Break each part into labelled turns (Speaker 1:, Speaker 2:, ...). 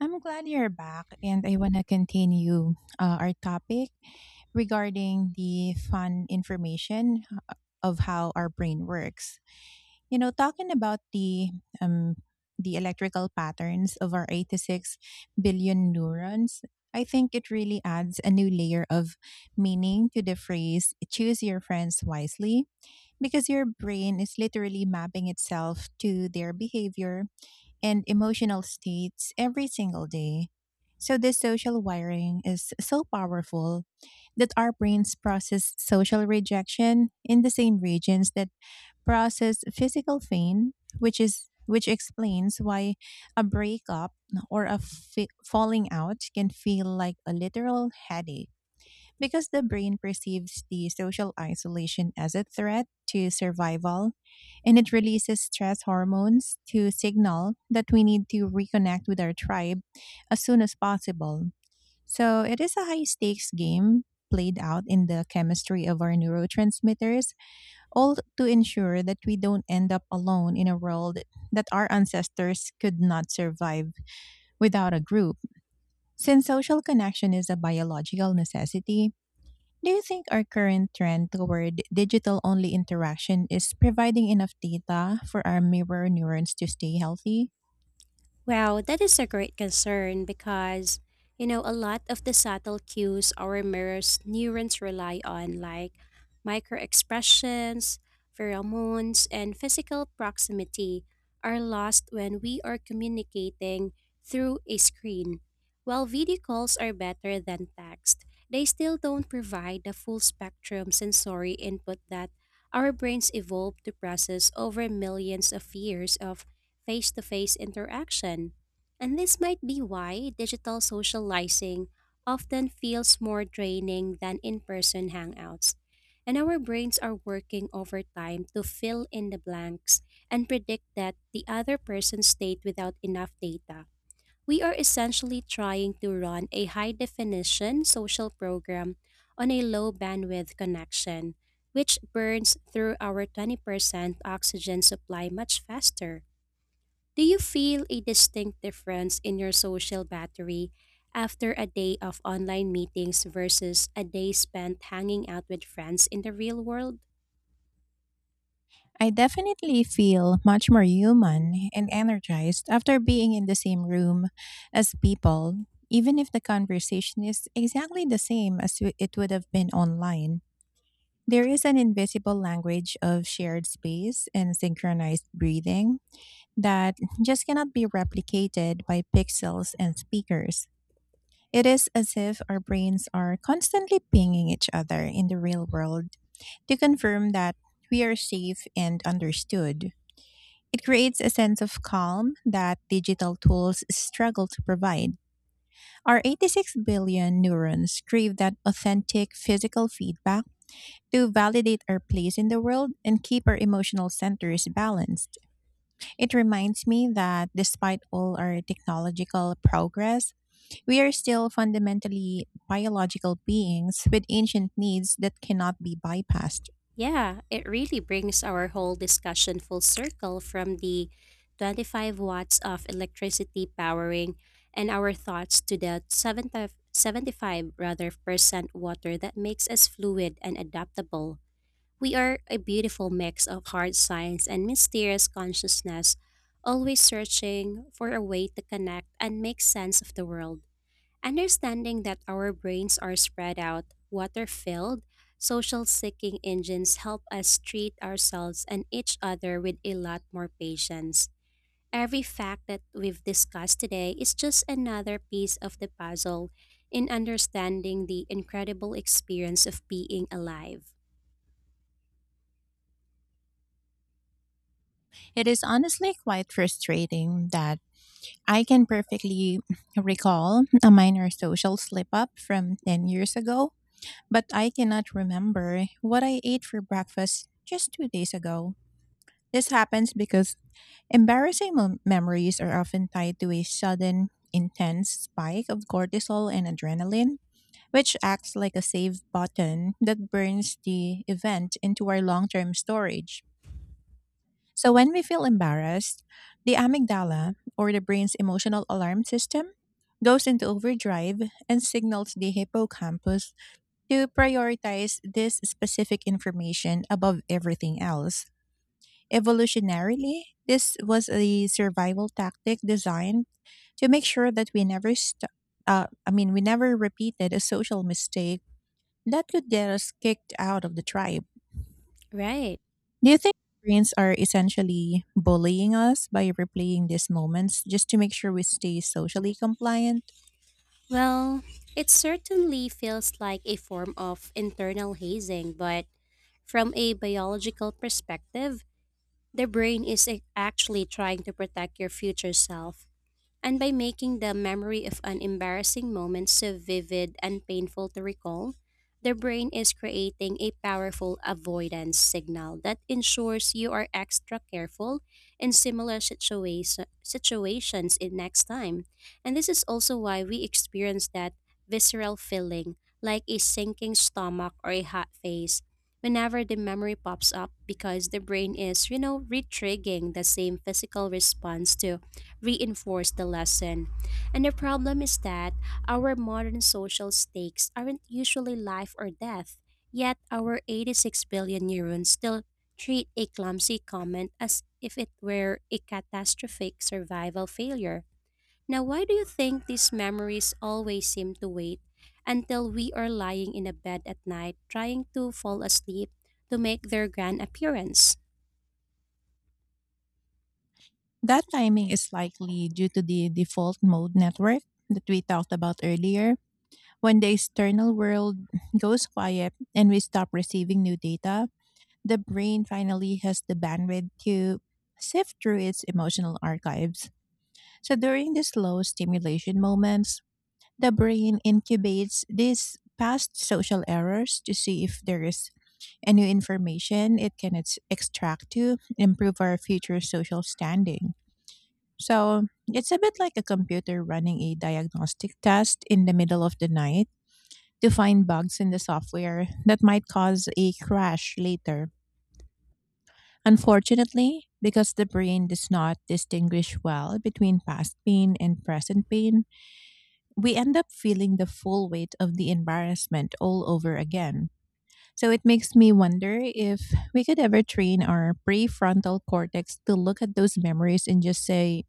Speaker 1: I'm glad you're back, and I want to continue our topic regarding the fun information of how our brain works. Talking about um, the electrical patterns of our 86 billion neurons, I think it really adds a new layer of meaning to the phrase "choose your friends wisely." Because your brain is literally mapping itself to their behavior and emotional states every single day. So, this social wiring is so powerful that our brains process social rejection in the same regions that process physical pain, which explains why a breakup or a falling out can feel like a literal headache, because the brain perceives the social isolation as a threat to survival, and it releases stress hormones to signal that we need to reconnect with our tribe as soon as possible. So it is a high stakes game played out in the chemistry of our neurotransmitters, all to ensure that we don't end up alone in a world that our ancestors could not survive without a group. Since social connection is a biological necessity, do you think our current trend toward digital only interaction is providing enough data for our mirror neurons to stay healthy?
Speaker 2: Wow, that is a great concern because, a lot of the subtle cues our mirror's neurons rely on, like microexpressions, pheromones, and physical proximity, are lost when we are communicating through a screen. While video calls are better than text, they still don't provide the full spectrum sensory input that our brains evolved to process over millions of years of face to face interaction. And this might be why digital socializing often feels more draining than in person hangouts. And our brains are working overtime to fill in the blanks and predict that the other person's state without enough data. We are essentially trying to run a high definition social program on a low bandwidth connection, which burns through our 20% oxygen supply much faster. Do you feel a distinct difference in your social battery after a day of online meetings versus a day spent hanging out with friends in the real world?
Speaker 1: I definitely feel much more human and energized after being in the same room as people, even if the conversation is exactly the same as it would have been online. There is an invisible language of shared space and synchronized breathing that just cannot be replicated by pixels and speakers. It is as if our brains are constantly pinging each other in the real world to confirm that we are safe and understood. It creates a sense of calm that digital tools struggle to provide. Our 86 billion neurons crave that authentic physical feedback to validate our place in the world and keep our emotional centers balanced. It reminds me that, despite all our technological progress, we are still fundamentally biological beings with ancient needs that cannot be bypassed.
Speaker 2: Yeah, it really brings our whole discussion full circle from the 25 watts of electricity powering and our thoughts to the 75 rather percent water that makes us fluid and adaptable. We are a beautiful mix of hard science and mysterious consciousness, always searching for a way to connect and make sense of the world. Understanding that our brains are spread out, water filled, social seeking engines help us treat ourselves and each other with a lot more patience. Every fact that we've discussed today is just another piece of the puzzle in understanding the incredible experience of being alive.
Speaker 1: It is honestly quite frustrating that I can perfectly recall a minor social slip up from 10 years ago, but I cannot remember what I ate for breakfast just 2 days ago. This happens because embarrassing memories are often tied to a sudden, intense spike of cortisol and adrenaline, which acts like a save button that burns the event into our long term storage. So, when we feel embarrassed, the amygdala, or the brain's emotional alarm system, goes into overdrive and signals the hippocampus to prioritize this specific information above everything else. Evolutionarily, this was a survival tactic designed to make sure that we never st- I mean we never repeated a social mistake that could get us kicked out of the tribe.
Speaker 2: Right.
Speaker 1: Do you think brains are essentially bullying us by replaying these moments just to make sure we stay socially compliant?
Speaker 2: Well, it certainly feels like a form of internal hazing, but from a biological perspective, the brain is actually trying to protect your future self. And by making the memory of an embarrassing moment so vivid and painful to recall, the brain is creating a powerful avoidance signal that ensures you are extra careful in similar situations in next time. And this is also why we experience that visceral feeling like a sinking stomach or a hot face whenever the memory pops up because the brain is retriggering the same physical response to reinforce the lesson. And the problem is that our modern social stakes aren't usually life or death, yet our 86 billion neurons still treat a clumsy comment as if it were a catastrophic survival failure. Now, why do you think these memories always seem to wait until we are lying in a bed at night trying to fall asleep to make their grand appearance?
Speaker 1: That timing is likely due to the default mode network that we talked about earlier. When the external world goes quiet and we stop receiving new data, the brain finally has the bandwidth to sift through its emotional archives. So during these low stimulation moments, the brain incubates these past social errors to see if there is any information it can extract to improve our future social standing. So it's a bit like a computer running a diagnostic test in the middle of the night to find bugs in the software that might cause a crash later. Unfortunately, because the brain does not distinguish well between past pain and present pain, we end up feeling the full weight of the embarrassment all over again. So it makes me wonder if we could ever train our prefrontal cortex to look at those memories and just say,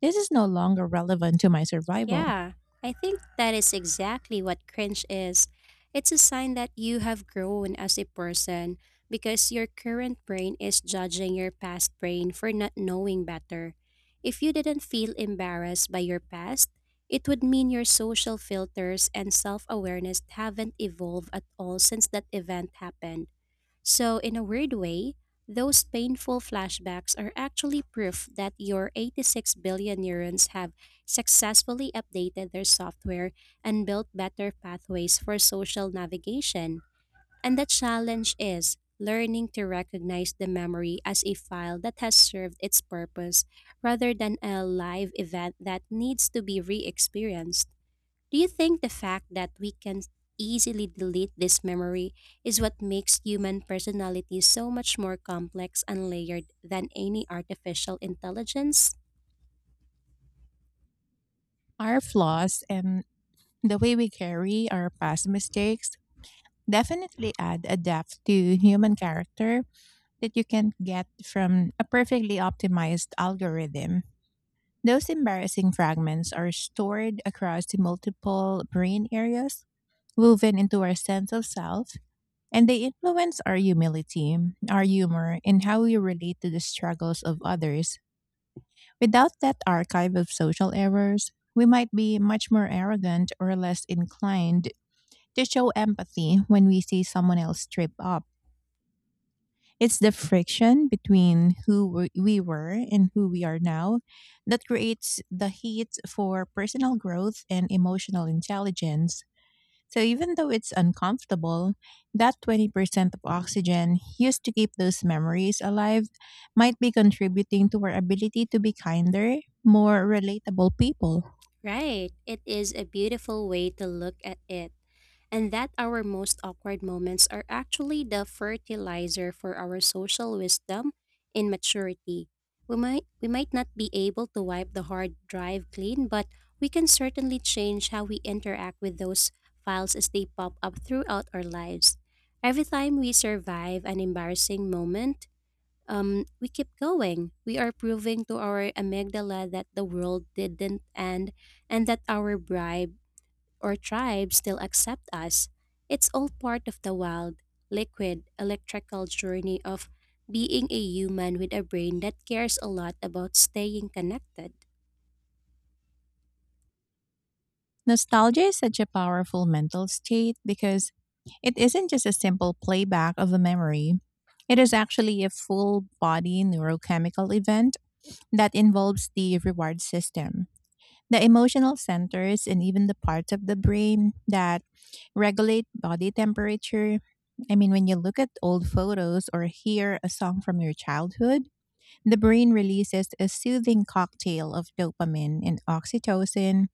Speaker 1: this is no longer relevant to my survival.
Speaker 2: Yeah, I think that is exactly what cringe is. It's a sign that you have grown as a person because your current brain is judging your past brain for not knowing better. If you didn't feel embarrassed by your past, it would mean your social filters and self awareness haven't evolved at all since that event happened. So, in a weird way, those painful flashbacks are actually proof that your 86 billion neurons have successfully updated their software and built better pathways for social navigation. And the challenge is learning to recognize the memory as a file that has served its purpose rather than a live event that needs to be re experienced. Do you think the fact that we can easily delete this memory is what makes human personality so much more complex and layered than any artificial intelligence?
Speaker 1: Our flaws and the way we carry our past mistakes definitely add a depth to human character that you can get from a perfectly optimized algorithm. Those embarrassing fragments are stored across the multiple brain areas, woven into our sense of self, and they influence our humility, our humor, and how we relate to the struggles of others. Without that archive of social errors, we might be much more arrogant or less inclined to show empathy when we see someone else trip up. It's the friction between who we were and who we are now that creates the heat for personal growth and emotional intelligence. So, even though it's uncomfortable, that 20% of oxygen used to keep those memories alive might be contributing to our ability to be kinder, more relatable people.
Speaker 2: Right. It is a beautiful way to look at it. And that our most awkward moments are actually the fertilizer for our social wisdom and maturity. We might not be able to wipe the hard drive clean, but we can certainly change how we interact with those files as they pop up throughout our lives. Every time we survive an embarrassing moment, we keep going. We are proving to our amygdala that the world didn't end and that our bribe or tribe still accept us. It's all part of the wild, liquid, electrical journey of being a human with a brain that cares a lot about staying connected.
Speaker 1: Nostalgia is such a powerful mental state because it isn't just a simple playback of a memory. It is actually a full body neurochemical event that involves the reward system, the emotional centers, and even the parts of the brain that regulate body temperature. I mean, when you look at old photos or hear a song from your childhood, the brain releases a soothing cocktail of dopamine and oxytocin,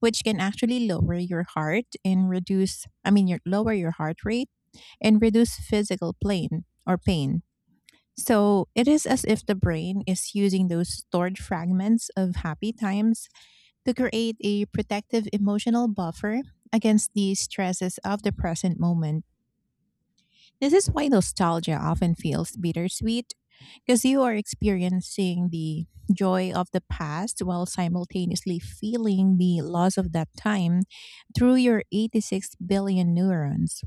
Speaker 1: which can actually lower your heart and reduce, I mean, lower your heart rate and reduce physical pain. So it is as if the brain is using those stored fragments of happy times to create a protective emotional buffer against the stresses of the present moment. This is why nostalgia often feels bittersweet, because you are experiencing the joy of the past while simultaneously feeling the loss of that time through your 86 billion neurons.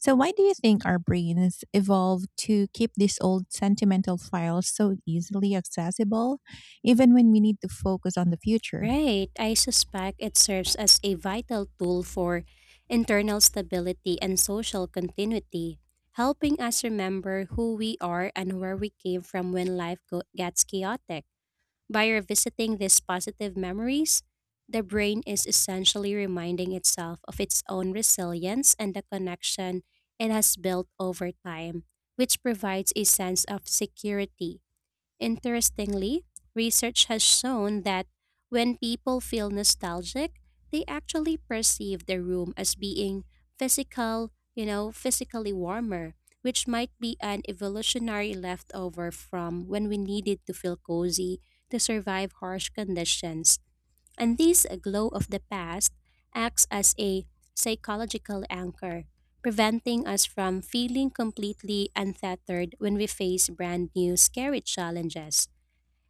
Speaker 1: So, why do you think our brains evolved to keep these old sentimental files so easily accessible, even when we need to focus on the future?
Speaker 2: Right. I suspect it serves as a vital tool for internal stability and social continuity, helping us remember who we are and where we came from when life gets chaotic. By revisiting these positive memories, the brain is essentially reminding itself of its own resilience and the connection it has built over time, which provides a sense of security. Interestingly, research has shown that when people feel nostalgic, they actually perceive the room as being physically warmer, which might be an evolutionary leftover from when we needed to feel cozy to survive harsh conditions. And this glow of the past acts as a psychological anchor, preventing us from feeling completely untethered when we face brand new scary challenges.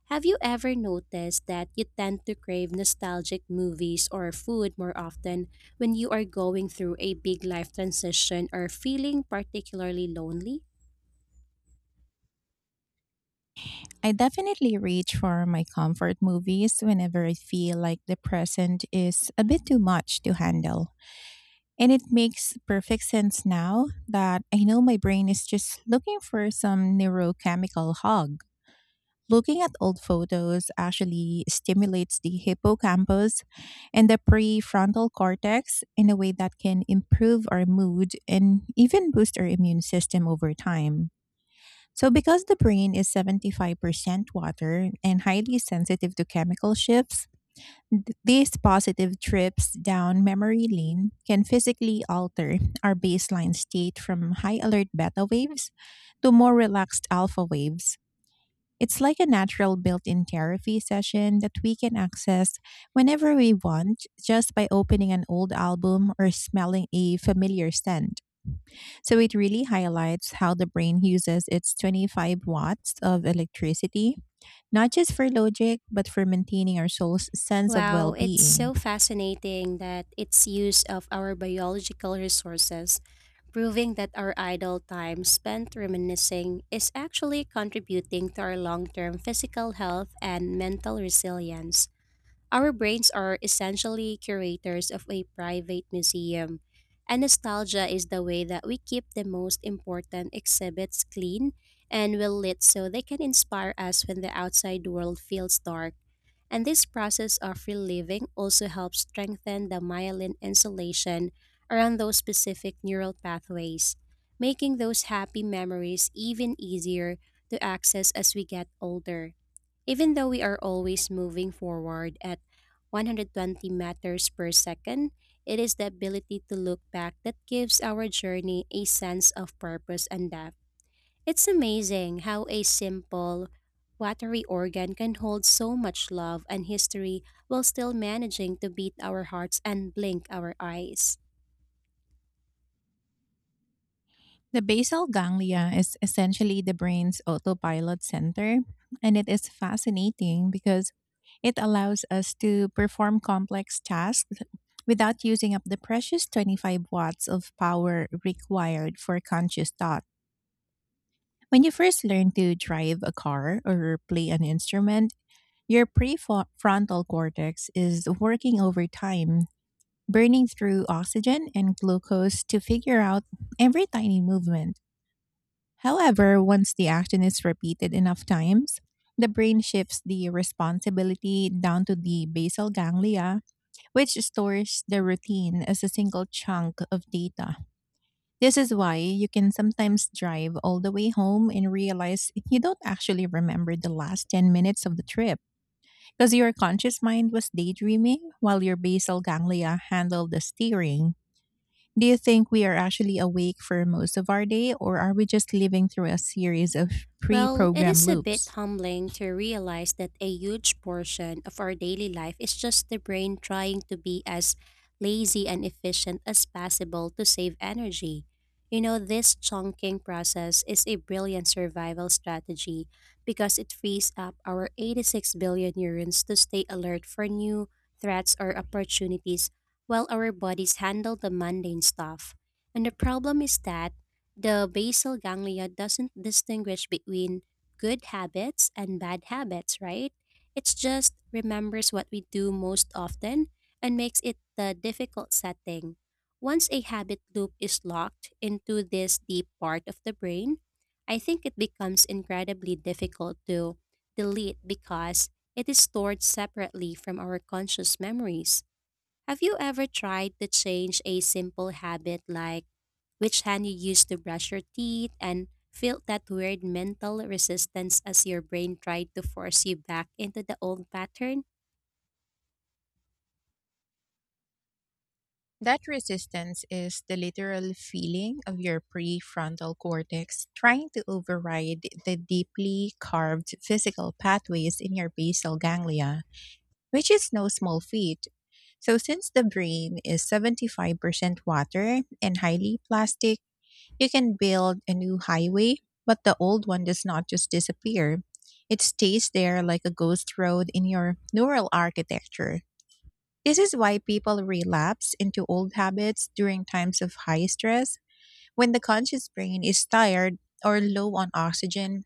Speaker 2: Have you ever noticed that you tend to crave nostalgic movies or food more often when you are going through a big life transition or feeling particularly lonely?
Speaker 1: I definitely reach for my comfort movies whenever I feel like the present is a bit too much to handle. And it makes perfect sense now that I know my brain is just looking for some neurochemical hug. Looking at old photos actually stimulates the hippocampus and the prefrontal cortex in a way that can improve our mood and even boost our immune system over time. So, because the brain is 75% water and highly sensitive to chemical shifts, these positive trips down memory lane can physically alter our baseline state from high alert beta waves to more relaxed alpha waves. It's like a natural built in therapy session that we can access whenever we want, just by opening an old album or smelling a familiar scent. So it really highlights how the brain uses its 25 watts of electricity, not just for logic, but for maintaining our soul's sense of well
Speaker 2: Wow, it's
Speaker 1: being.
Speaker 2: so fascinating that its use of our biological resources proving that our idle time spent reminiscing is actually contributing to our long term physical health and mental resilience. Our brains are essentially curators of a private museum, and nostalgia is the way that we keep the most important exhibits clean and well lit so they can inspire us when the outside world feels dark. And this process of reliving also helps strengthen the myelin insulation around those specific neural pathways, making those happy memories even easier to access as we get older. Even though we are always moving forward at 120 meters per second, it is the ability to look back that gives our journey a sense of purpose and depth. It's amazing how a simple, watery organ can hold so much love and history while still managing to beat our hearts and blink our eyes.
Speaker 1: The basal ganglia is essentially the brain's autopilot center, and it is fascinating because it allows us to perform complex tasks without using up the precious 25 watts of power required for conscious thought. When you first learn to drive a car or play an instrument, your prefrontal cortex is working overtime, burning through oxygen and glucose to figure out every tiny movement. However, once the action is repeated enough times, the brain shifts the responsibility down to the basal ganglia, which stores the routine as a single chunk of data. This is why you can sometimes drive all the way home and realize you don't actually remember the last 10 minutes of the trip, because your conscious mind was daydreaming while your basal ganglia handled the steering. Do you think we are actually awake for most of our day, or are we just living through a series of pre
Speaker 2: Well, it
Speaker 1: programmed
Speaker 2: is a bit
Speaker 1: loops?
Speaker 2: humbling to realize that a huge portion of our daily life is just the brain trying to be as lazy and efficient as possible to save energy. You know, this chunking process is a brilliant survival strategy because it frees up our 86 billion neurons to stay alert for new threats or opportunities while our bodies handle the mundane stuff. And the problem is that the basal ganglia doesn't distinguish between good habits and bad habits, right? It just remembers what we do most often and makes it the difficult setting. Once a habit loop is locked into this deep part of the brain, I think it becomes incredibly difficult to delete because it is stored separately from our conscious memories. Have you ever tried to change a simple habit like which hand you use to brush your teeth, and felt that weird mental resistance as your brain tried to force you back into the old pattern?
Speaker 1: That resistance is the literal feeling of your prefrontal cortex trying to override the deeply carved physical pathways in your basal ganglia, which is no small feat. So, since the brain is 75% water and highly plastic, you can build a new highway, but the old one does not just disappear. It stays there like a ghost road in your neural architecture. This is why people relapse into old habits during times of high stress. When the conscious brain is tired or low on oxygen,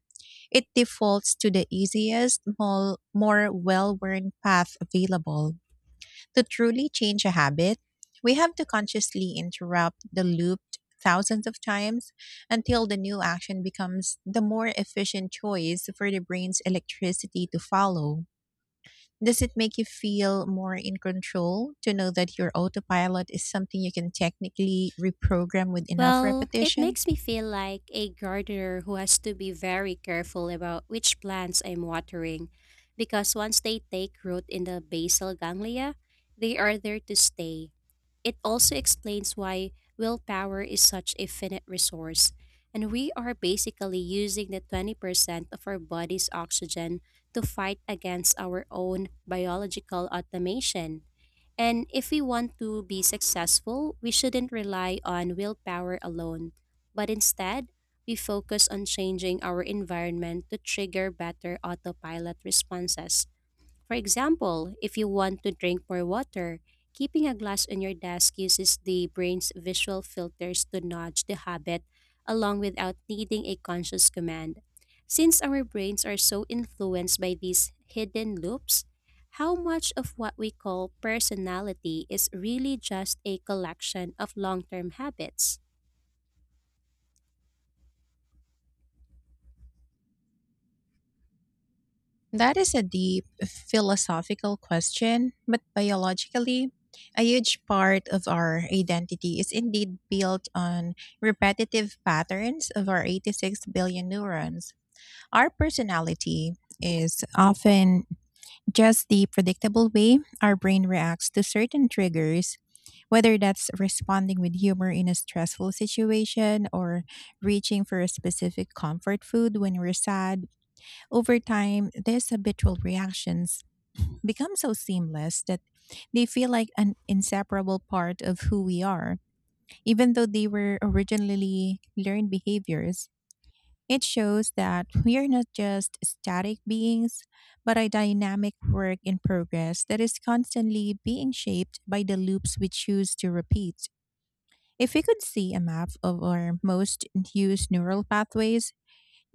Speaker 1: it defaults to the easiest, more well worn path available. To truly change a habit, we have to consciously interrupt the loop thousands of times until the new action becomes the more efficient choice for the brain's electricity to follow. Does it make you feel more in control to know that your autopilot is something you can technically reprogram with enough
Speaker 2: Well, it
Speaker 1: repetition?
Speaker 2: makes me feel like a gardener who has to be very careful about which plants I'm watering because once they take root in the basal ganglia, they are there to stay. It also explains why willpower is such a finite resource, and we are basically using the 20% of our body's oxygen to fight against our own biological automation. And if we want to be successful, we shouldn't rely on willpower alone, but instead, we focus on changing our environment to trigger better autopilot responses. For example, if you want to drink more water, keeping a glass on your desk uses the brain's visual filters to nudge the habit along without needing a conscious command. Since our brains are so influenced by these hidden loops, how much of what we call personality is really just a collection of long term habits?
Speaker 1: That is a deep philosophical question, but biologically, a huge part of our identity is indeed built on repetitive patterns of our 86 billion neurons. Our personality is often just the predictable way our brain reacts to certain triggers, whether that's responding with humor in a stressful situation or reaching for a specific comfort food when we're sad. Over time, these habitual reactions become so seamless that they feel like an inseparable part of who we are, even though they were originally learned behaviors. It shows that we are not just static beings, but a dynamic work in progress that is constantly being shaped by the loops we choose to repeat. If we could see a map of our most used neural pathways,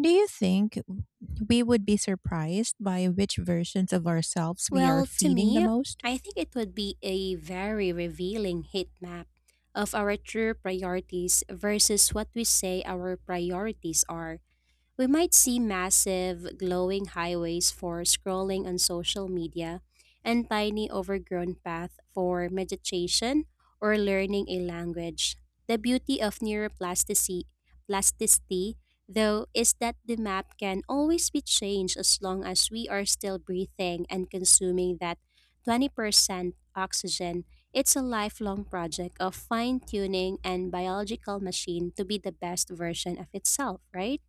Speaker 1: do you think we would be surprised by which versions of ourselves we are
Speaker 2: Well, to
Speaker 1: feeding the
Speaker 2: me,
Speaker 1: most?
Speaker 2: I think it would be a very revealing heat map of our true priorities versus what we say our priorities are. We might see massive, glowing highways for scrolling on social media and tiny, overgrown paths for meditation or learning a language. The beauty of neuroplasticity, plasticity, though, is that the map can always be changed as long as we are still breathing and consuming that 20% oxygen. It's a lifelong project of fine tuning and biological machine to be the best version of itself, right?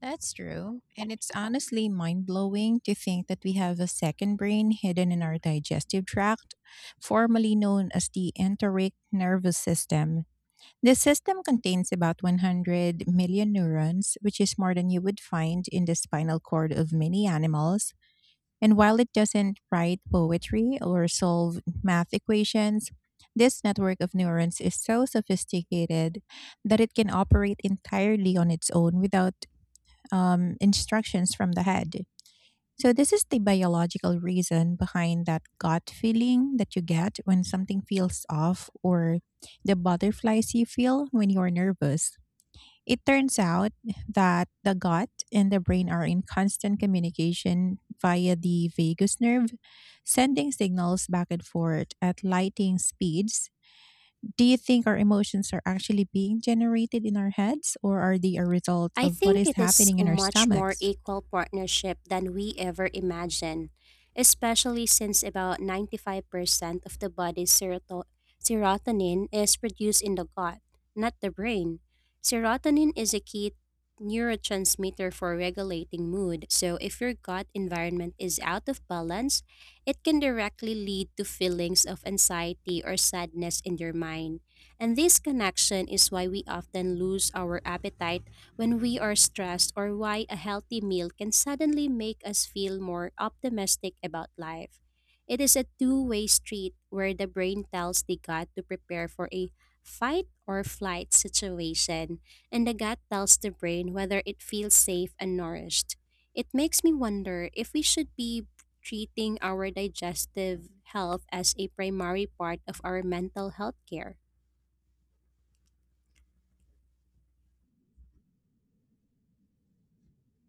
Speaker 1: That's true. And it's honestly mind blowing to think that we have a second brain hidden in our digestive tract, formerly known as the enteric nervous system. This system contains about 100 million neurons, which is more than you would find in the spinal cord of many animals. And while it doesn't write poetry or solve math equations, this network of neurons is so sophisticated that it can operate entirely on its own without instructions from the head. So, this is the biological reason behind that gut feeling that you get when something feels off, or the butterflies you feel when you're nervous. It turns out that the gut and the brain are in constant communication via the vagus nerve, sending signals back and forth at lightning speeds. Do you think our emotions are actually being generated in our heads, or are they a result
Speaker 2: I
Speaker 1: of what
Speaker 2: think
Speaker 1: is
Speaker 2: it is
Speaker 1: happening
Speaker 2: a
Speaker 1: in our
Speaker 2: much more
Speaker 1: stomachs?
Speaker 2: equal partnership than we ever imagined, especially since about 95% of the body's serotonin is produced in the gut, not the brain. Serotonin is a key neurotransmitter for regulating mood, so if your gut environment is out of balance, it can directly lead to feelings of anxiety or sadness in your mind. And this connection is why we often lose our appetite when we are stressed, or why a healthy meal can suddenly make us feel more optimistic about life. It is a two-way street where the brain tells the gut to prepare for a fight or flight situation, and the gut tells the brain whether it feels safe and nourished. It makes me wonder if we should be treating our digestive health as a primary part of our mental health care.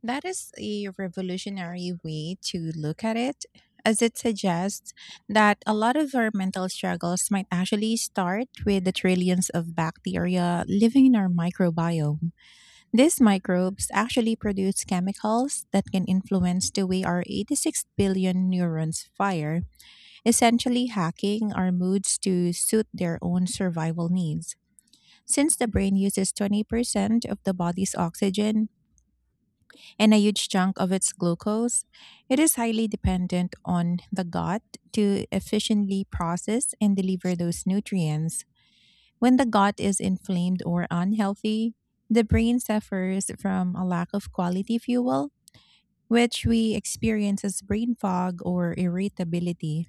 Speaker 1: That is a revolutionary way to look at it, as it suggests that a lot of our mental struggles might actually start with the trillions of bacteria living in our microbiome. These microbes actually produce chemicals that can influence the way our 86 billion neurons fire, essentially hacking our moods to suit their own survival needs. Since the brain uses 20% of the body's oxygen, and a huge chunk of its glucose, it is highly dependent on the gut to efficiently process and deliver those nutrients. When the gut is inflamed or unhealthy, the brain suffers from a lack of quality fuel, which we experience as brain fog or irritability.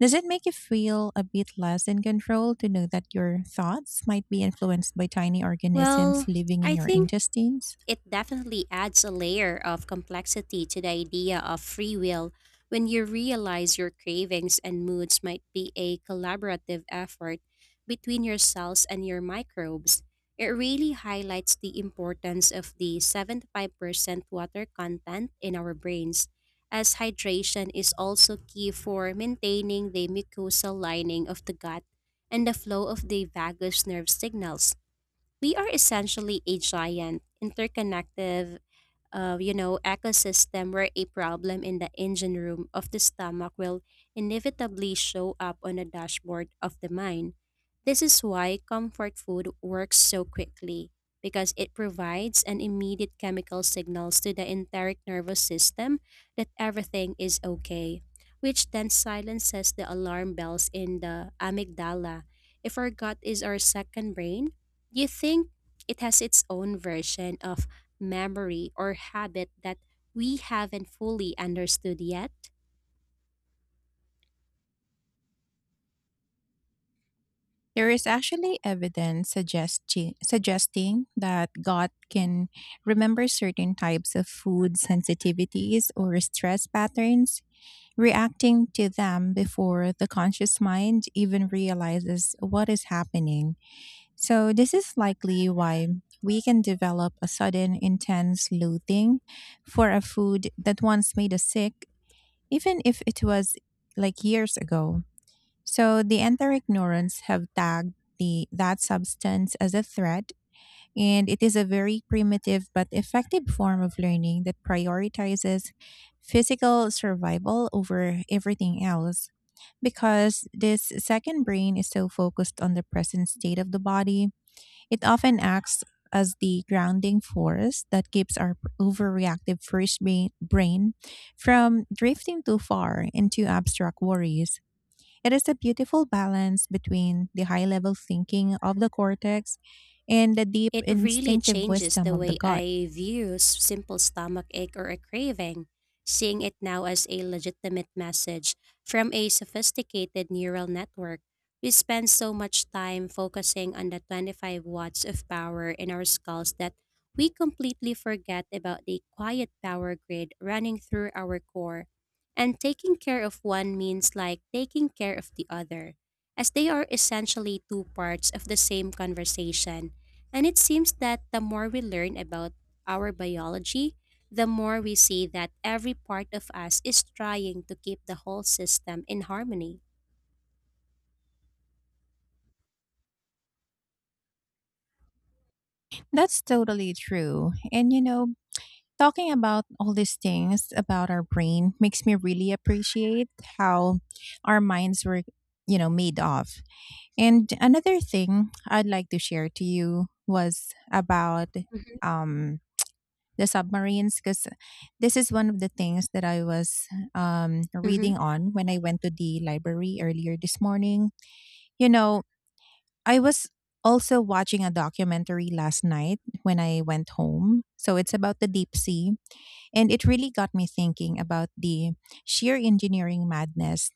Speaker 1: Does it make you feel a bit less in control to know that your thoughts might be influenced by tiny organisms
Speaker 2: Well,
Speaker 1: living in
Speaker 2: I
Speaker 1: your
Speaker 2: think
Speaker 1: intestines?
Speaker 2: it definitely adds a layer of complexity to the idea of free will when you realize your cravings and moods might be a collaborative effort between your cells and your microbes. It really highlights the importance of the 75% water content in our brains, as hydration is also key for maintaining the mucosal lining of the gut and the flow of the vagus nerve signals. We are essentially a giant, interconnected ecosystem where a problem in the engine room of the stomach will inevitably show up on the dashboard of the mind. This is why comfort food works so quickly because it provides an immediate chemical signals to the enteric nervous system that everything is okay, which then silences the alarm bells in the amygdala. If our gut is our second brain, you think it has its own version of memory, or habit that we haven't fully understood yet?
Speaker 1: There is actually evidence suggesting that God can remember certain types of food sensitivities or stress patterns, reacting to them before the conscious mind even realizes what is happening. So, this is likely why we can develop a sudden intense loathing for a food that once made us sick, even if it was like years ago. So the anti-ignorance have tagged the that substance as a threat, and it is a very primitive but effective form of learning that prioritizes physical survival over everything else. Because this second brain is so focused on the present state of the body, it often acts as the grounding force that keeps our overreactive first brain from drifting too far into abstract worries. It is a beautiful balance between the high level thinking of the cortex and the deep
Speaker 2: It really
Speaker 1: instinctive
Speaker 2: changes
Speaker 1: wisdom
Speaker 2: the
Speaker 1: of the
Speaker 2: way
Speaker 1: gut.
Speaker 2: I view simple stomach ache or a craving, seeing it now as a legitimate message from a sophisticated neural network. We spend so much time focusing on the 25 watts of power in our skulls that we completely forget about the quiet power grid running through our core. And taking care of one means like taking care of the other, as they are essentially two parts of the same conversation, and it seems that the more we learn about our biology, the more we see that every part of us is trying to keep the whole system in harmony.
Speaker 1: That's totally true. And you know, talking about all these things about our brain makes me really appreciate how our minds were, you know, made of. And another thing I'd like to share to you was about
Speaker 2: Mhm.
Speaker 1: um the submarines, because this is one of the things that I was
Speaker 2: Mhm.
Speaker 1: reading on when I went to the library earlier this morning. You know, I was also watching a documentary last night when I went home. So it's about the deep sea. And it really got me thinking about the sheer engineering madness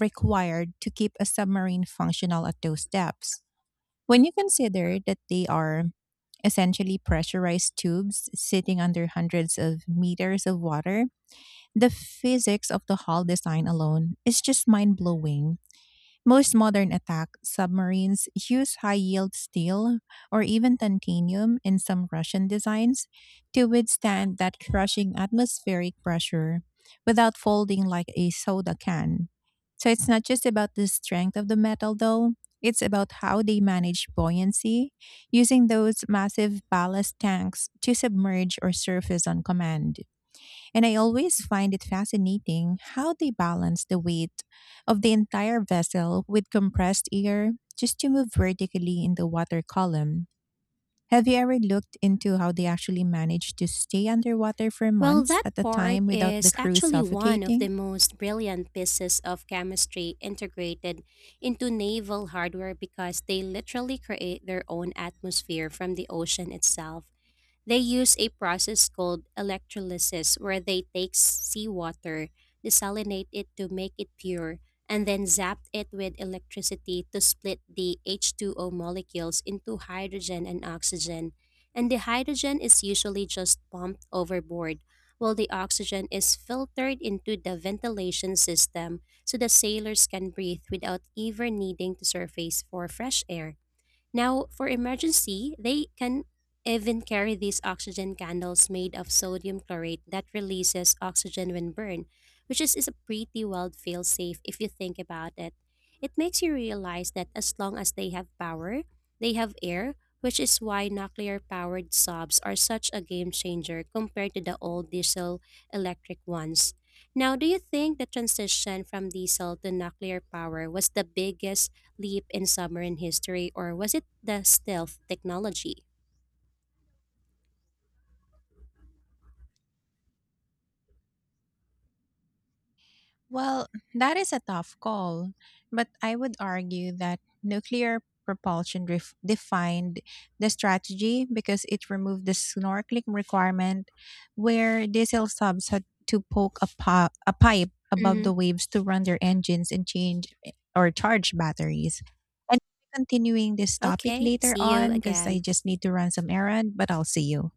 Speaker 1: required to keep a submarine functional at those depths. When you consider that they are essentially pressurized tubes sitting under hundreds of meters of water, the physics of the hull design alone is just mind blowing. Most modern attack submarines use high yield steel, or even titanium in some Russian designs, to withstand that crushing atmospheric pressure without folding like a soda can. So it's not just about the strength of the metal though, it's about how they manage buoyancy using those massive ballast tanks to submerge or surface on command. And I always find it fascinating how they balance the weight of the entire vessel with compressed air just to move vertically in the water column. Have you ever looked into how they actually manage to stay underwater for
Speaker 2: Well,
Speaker 1: months
Speaker 2: that
Speaker 1: at a
Speaker 2: part
Speaker 1: time without the
Speaker 2: is
Speaker 1: crew
Speaker 2: actually one of the
Speaker 1: suffocating?
Speaker 2: most brilliant pieces of chemistry integrated into naval hardware because they literally create their own atmosphere from the ocean itself. They use a process called electrolysis where they take seawater, desalinate it to make it pure, and then zap it with electricity to split the H2O molecules into hydrogen and oxygen. And the hydrogen is usually just pumped overboard, while the oxygen is filtered into the ventilation system so the sailors can breathe without ever needing to surface for fresh air. Now, for emergency, they can even carry these oxygen candles made of sodium chlorate that releases oxygen when burned, which is a pretty wild fail safe if you think about it. It makes you realize that as long as they have power, they have air, which is why nuclear powered sobs are such a game changer compared to the old diesel electric ones. Now, do you think the transition from diesel to nuclear power was the biggest leap in submarine history, or was it the stealth technology?
Speaker 1: Well, that is a tough call, but I would argue that nuclear propulsion defined the strategy because it removed the snorkeling requirement, where diesel subs had to poke a pipe above
Speaker 2: Hmm.
Speaker 1: the waves to run their engines and change or charge batteries. And continuing this topic
Speaker 2: Okay,
Speaker 1: later
Speaker 2: see you
Speaker 1: on, because I
Speaker 2: again.
Speaker 1: just need to run some errand, but I'll see you.